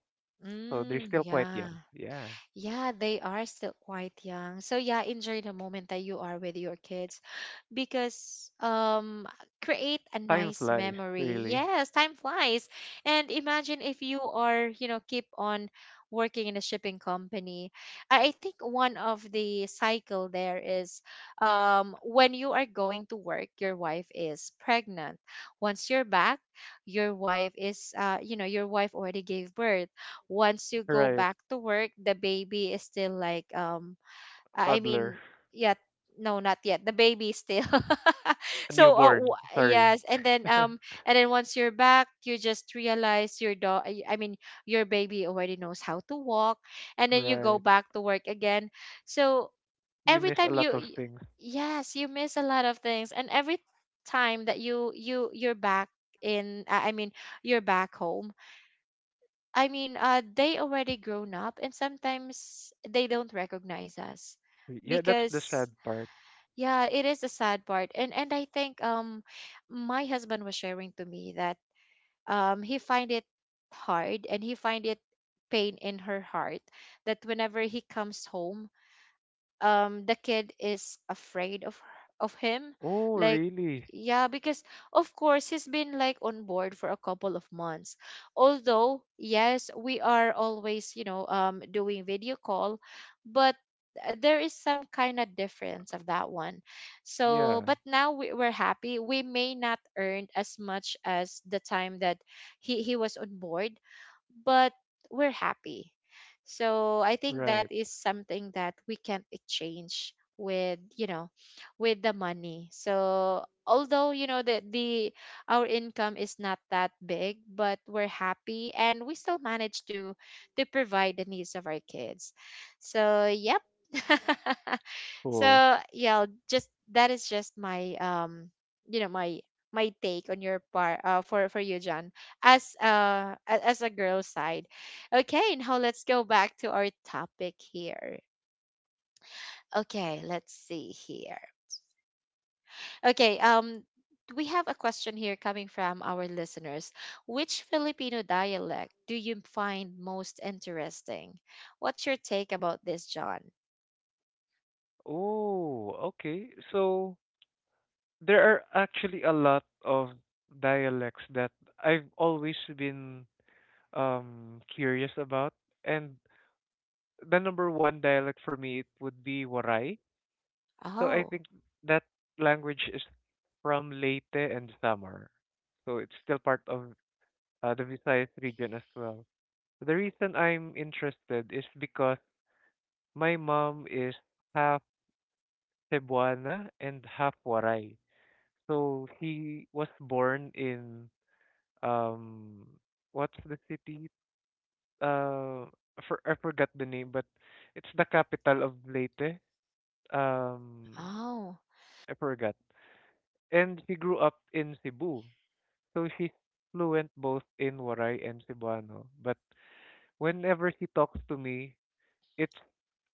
so they're
Mm,
still quite
yeah.
young. Yeah,
Yeah, they are still quite young. So yeah, enjoy the moment that you are with your kids, because create a
time
nice
flies,
memory.
really.
Yes, time flies. And imagine if you are, you know, keep on working in a shipping company. I think one of the cycle there is when you are going to work, your wife is pregnant. Once you're back, your wife is you know, your wife already gave birth. Once you go
Right,
back to work, the baby is still like I
toddler,
mean, yet. No, not yet. The baby still.
a
So
newborn. Sorry.
yes, and then once you're back, you just realize your dog. I mean, your baby already knows how to walk, and then you go
Right,
back to work again. So
you
every
miss a
time
lot of things.
yes, you miss a lot of things, and every time that you're back in I mean, you're back home. I mean, they already grown up, and sometimes they don't recognize us
Yeah, that's the
because
sad part.
yeah, it is a sad part. And I think my husband was sharing to me that he find it hard, and he find it pain in her heart that whenever he comes home, the kid is afraid of him,
Oh,
like
really?
yeah, because of course he's been like on board for a couple of months. Although yes, we are always, you know, doing video call, but there is some kind of difference of that one. So
Yeah.
but now we're happy. We may not earn as much as the time that he was on board, but we're happy. So I think that
Right.
is something that we can't exchange with, you know, with the money. So although you know that the our income is not that big, but we're happy, and we still manage to provide the needs of our kids. So yep.
Cool.
So yeah, just that is just my you know my my take on your part for you John, as as a girl side. Okay, now let's go back to our topic here. Okay, let's see here. Okay, we have a question here coming from our listeners. Which Filipino dialect do you find most interesting? What's your take about this, John?
Oh, okay. So there are actually a lot of dialects that I've always been, curious about, and the number one dialect for me, it would be Waray. So I
Oh.
think that language is from Leyte and Samar. So it's still part of, the Visayas region as well. The reason I'm interested is because my mom is half Cebuana and half Waray. So she was born in, um what's the city? Uh, I forgot the name, but it's the capital of Leyte. Um,
Oh.
I forgot. And she grew up in Cebu. So she's fluent both in Waray and Cebuano. But whenever she talks to me, it's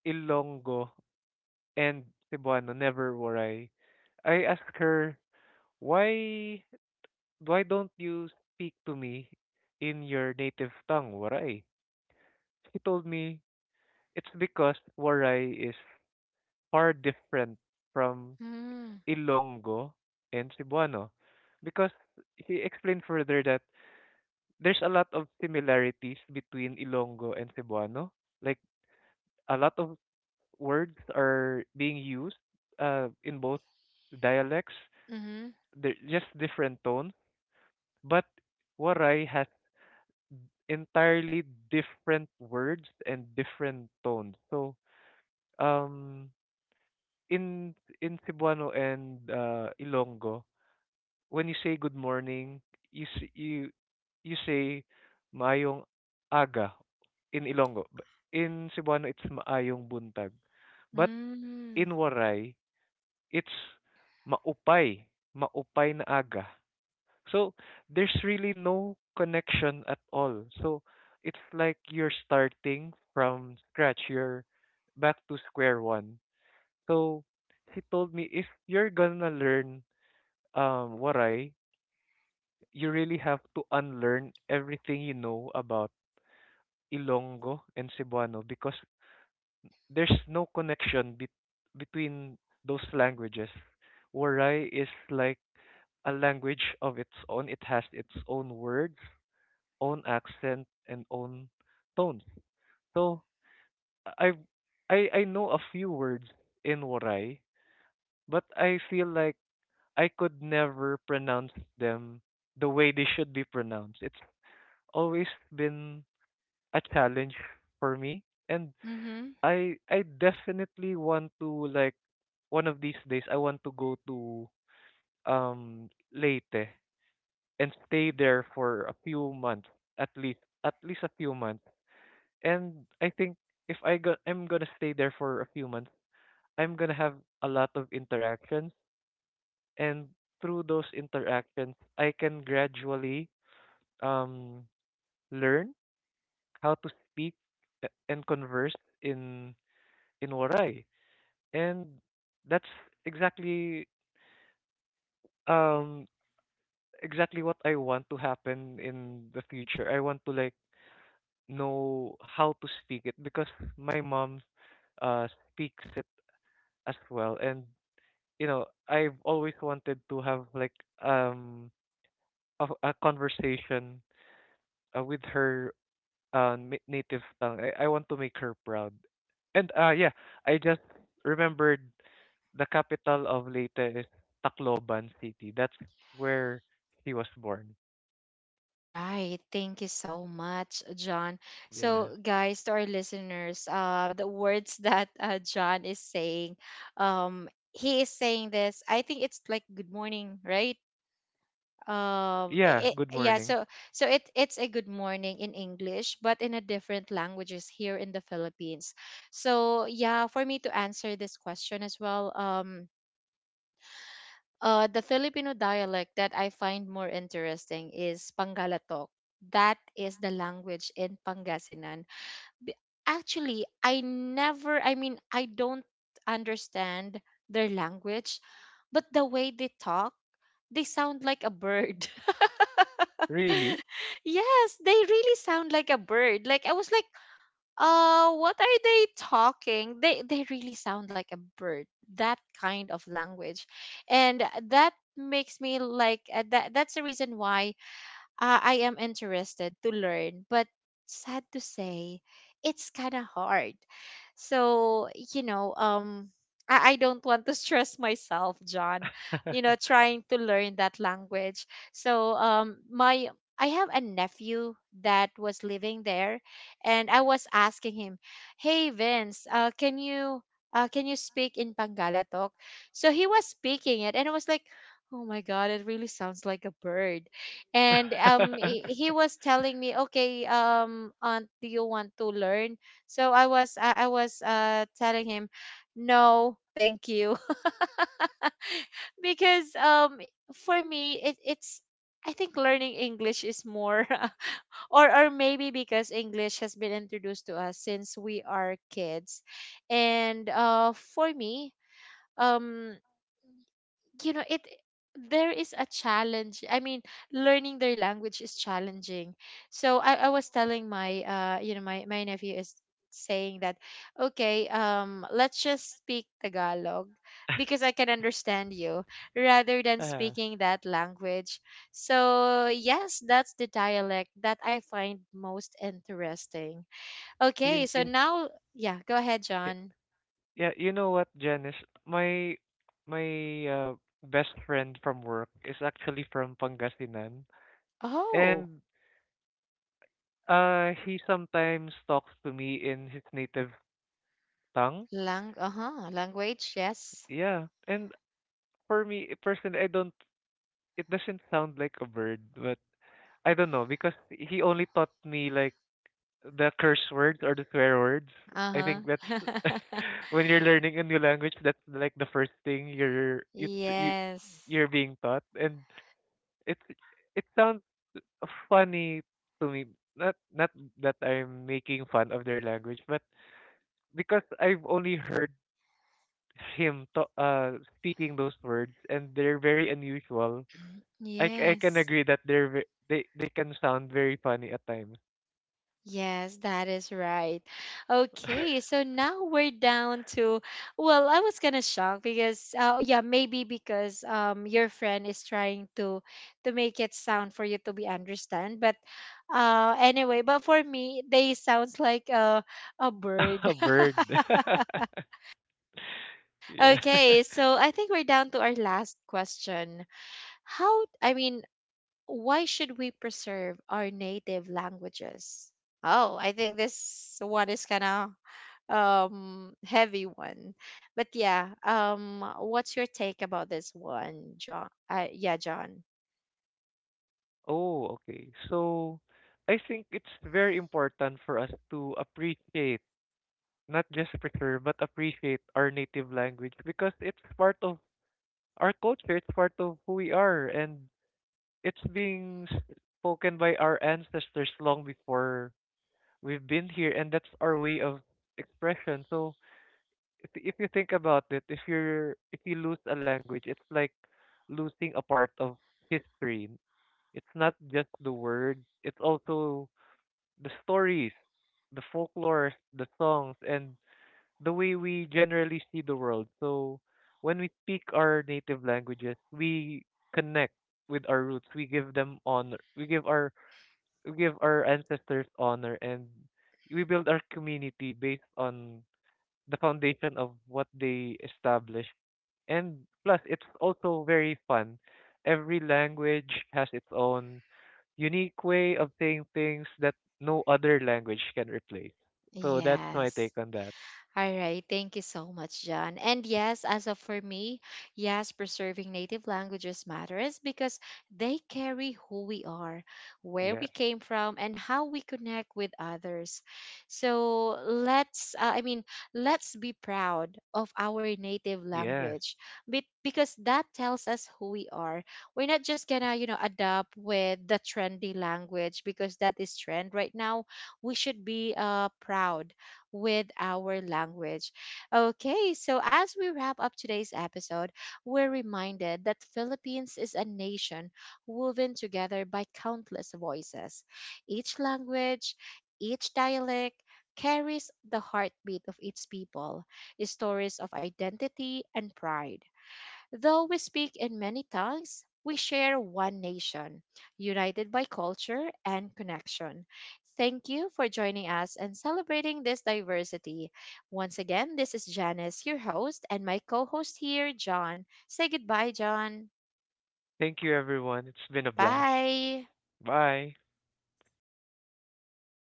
Ilonggo and Cebuano, never Waray. I ask her, why why don't you speak to me in your native tongue, Waray? She told me it's because Waray is far different from
Mm.
Ilonggo and Cebuano. Because she explained further that there's a lot of similarities between Ilonggo and Cebuano. Like, a lot of words are being used, in both dialects.
Mhm.
They're just different tones. But Waray has entirely different words and different tones. So, um in, Cebuano and, Ilonggo, when you say good morning, you s- you say maayong aga in Ilonggo. In Cebuano, it's maayong buntag. But
Mm.
in Waray, it's maupay, maupay na aga. So there's really no connection at all. So it's like you're starting from scratch. You're back to square one. So he told me, if you're gonna learn, Waray, you really have to unlearn everything you know about Ilonggo and Cebuano because there's no connection between those languages. Waray is like a language of its own. It has its own words, own accent, and own tones. So I I know a few words in Waray, but I feel like I could never pronounce them the way they should be pronounced. It's always been a challenge for me. And
Mhm.
I definitely want to, like, one of these days, I want to go to, Leyte and stay there for a few months, at least a few months. And I think if I go, I'm gonna stay there for a few months. I'm gonna have a lot of interactions, and through those interactions I can gradually, um learn how to speak, and converse in, Waray. And that's exactly, um exactly what I want to happen in the future. I want to, like, know how to speak it because my mom speaks it as well. And I've always wanted to have, like, um a conversation, with her, native tongue. I want to make her proud. And, yeah, I just remembered the capital of Leyte is Tacloban City. That's where he was born.
Right. Thank you so much, John.
Yeah.
So, guys, to our listeners, the words that John is saying, he is saying this. I think it's like good morning, right?
Yeah,
It,
good
yeah.
morning.
So, so it it's a good morning in English, but in a different languages here in the Philippines. So, yeah, for me to answer this question as well, uh, the Filipino dialect that I find more interesting is Pangalatok. That is the language in Pangasinan. B- Actually, I never, I mean, I don't understand their language, but the way they talk, they sound like a bird.
Really?
Yes, they really sound like a bird. Like I was like, what are they talking? They really sound like a bird. That kind of language, and that makes me like that. That's the reason why I am interested to learn, but sad to say, it's kind of hard. So, you know, I don't want to stress myself, John, you know, trying to learn that language. So, my I have a nephew that was living there, and I was asking him, "Hey Vince, can you speak in Pangalatok?" So he was speaking it, and I was like, "Oh my God, it really sounds like a bird." And he was telling me, okay, aunt, do you want to learn? So I was telling him no, thank you. Because for me it's I think learning English is more. Or maybe because English has been introduced to us since we are kids. And for me, um you know, it there is a challenge. I mean, learning their language is challenging. So I was telling my you know, my nephew is saying that, okay, let's just speak Tagalog, because I can understand you rather than
Ah,
speaking that language. So yes, that's the dialect that I find most interesting. Okay,
in
so
in
now yeah, go ahead
y-
John.
yeah, you know what, Janice? My my best friend from work is actually from Pangasinan,
Oh,
and, he sometimes talks to me in his native tongue.
language, yes.
Yeah, and for me personally, I don't it doesn't sound like a bird, but I don't know, because he only taught me, like, the curse words or the swear words. I
Uh-huh.
think that's when you're learning a new language, that's, like, the first thing you're you tr- you
Yes.
you're being taught, and it it sounds funny to me. Not that I'm making fun of their language, but because I've only heard him to, speaking those words, and they're very unusual. I can
Yes.
agree that they're, they can sound very funny at times.
Yes, that is right. Okay, so now we're down to, well, I was kind of shocked because yeah, maybe because your friend is trying to make it sound for you to be understand, but anyway, but for me they sounds like a bird.
A bird. Yeah.
Okay, so I think we're down to our last question. How, I mean, why should we preserve our native languages? Oh, I think this one is kind of heavy one, but yeah, what's your take about this one John? Yeah John?
Oh, okay. So I think it's very important for us to appreciate, not just preserve, but appreciate our native language, because it's part of our culture, it's part of who we are, and it's being, spoken by our ancestors long before we've been here, and that's our way of expression. So if you think about it, if you lose a language, it's like losing a part of history. It's not just the words; it's also the stories, the folklore, the songs, and the way we generally see the world. So when we speak our native languages, we connect with our roots. We give them honor. We give our ancestors honor, and we build our community based on the foundation of what they establish. And plus, it's also very fun. Every language has its own unique way of saying things that no other language can replace. So that's my take
Yes.
on that.
All right, thank you so much, John. And yes, as of for me, yes, preserving native languages matters because they carry who we are, where we
Yes.
came from, and how we connect with others. So let's, I mean, let's be proud of our native
Yes.
language, because that tells us who we are. We're not just gonna, you know, adopt with the trendy language because that is trend right now. We should be proud with our language. Okay, so as we wrap up today's episode, we're reminded that Philippines is a nation woven together by countless voices. Each language, each dialect, carries the heartbeat of its people, stories of identity and pride. Though we speak in many tongues, we share one nation, united by culture and connection. Thank you for joining us and celebrating this diversity. Once again, this is Janice, your host, and my co host here, John. Say goodbye, John.
Thank you, everyone. It's been a blast.
Bye.
Bye.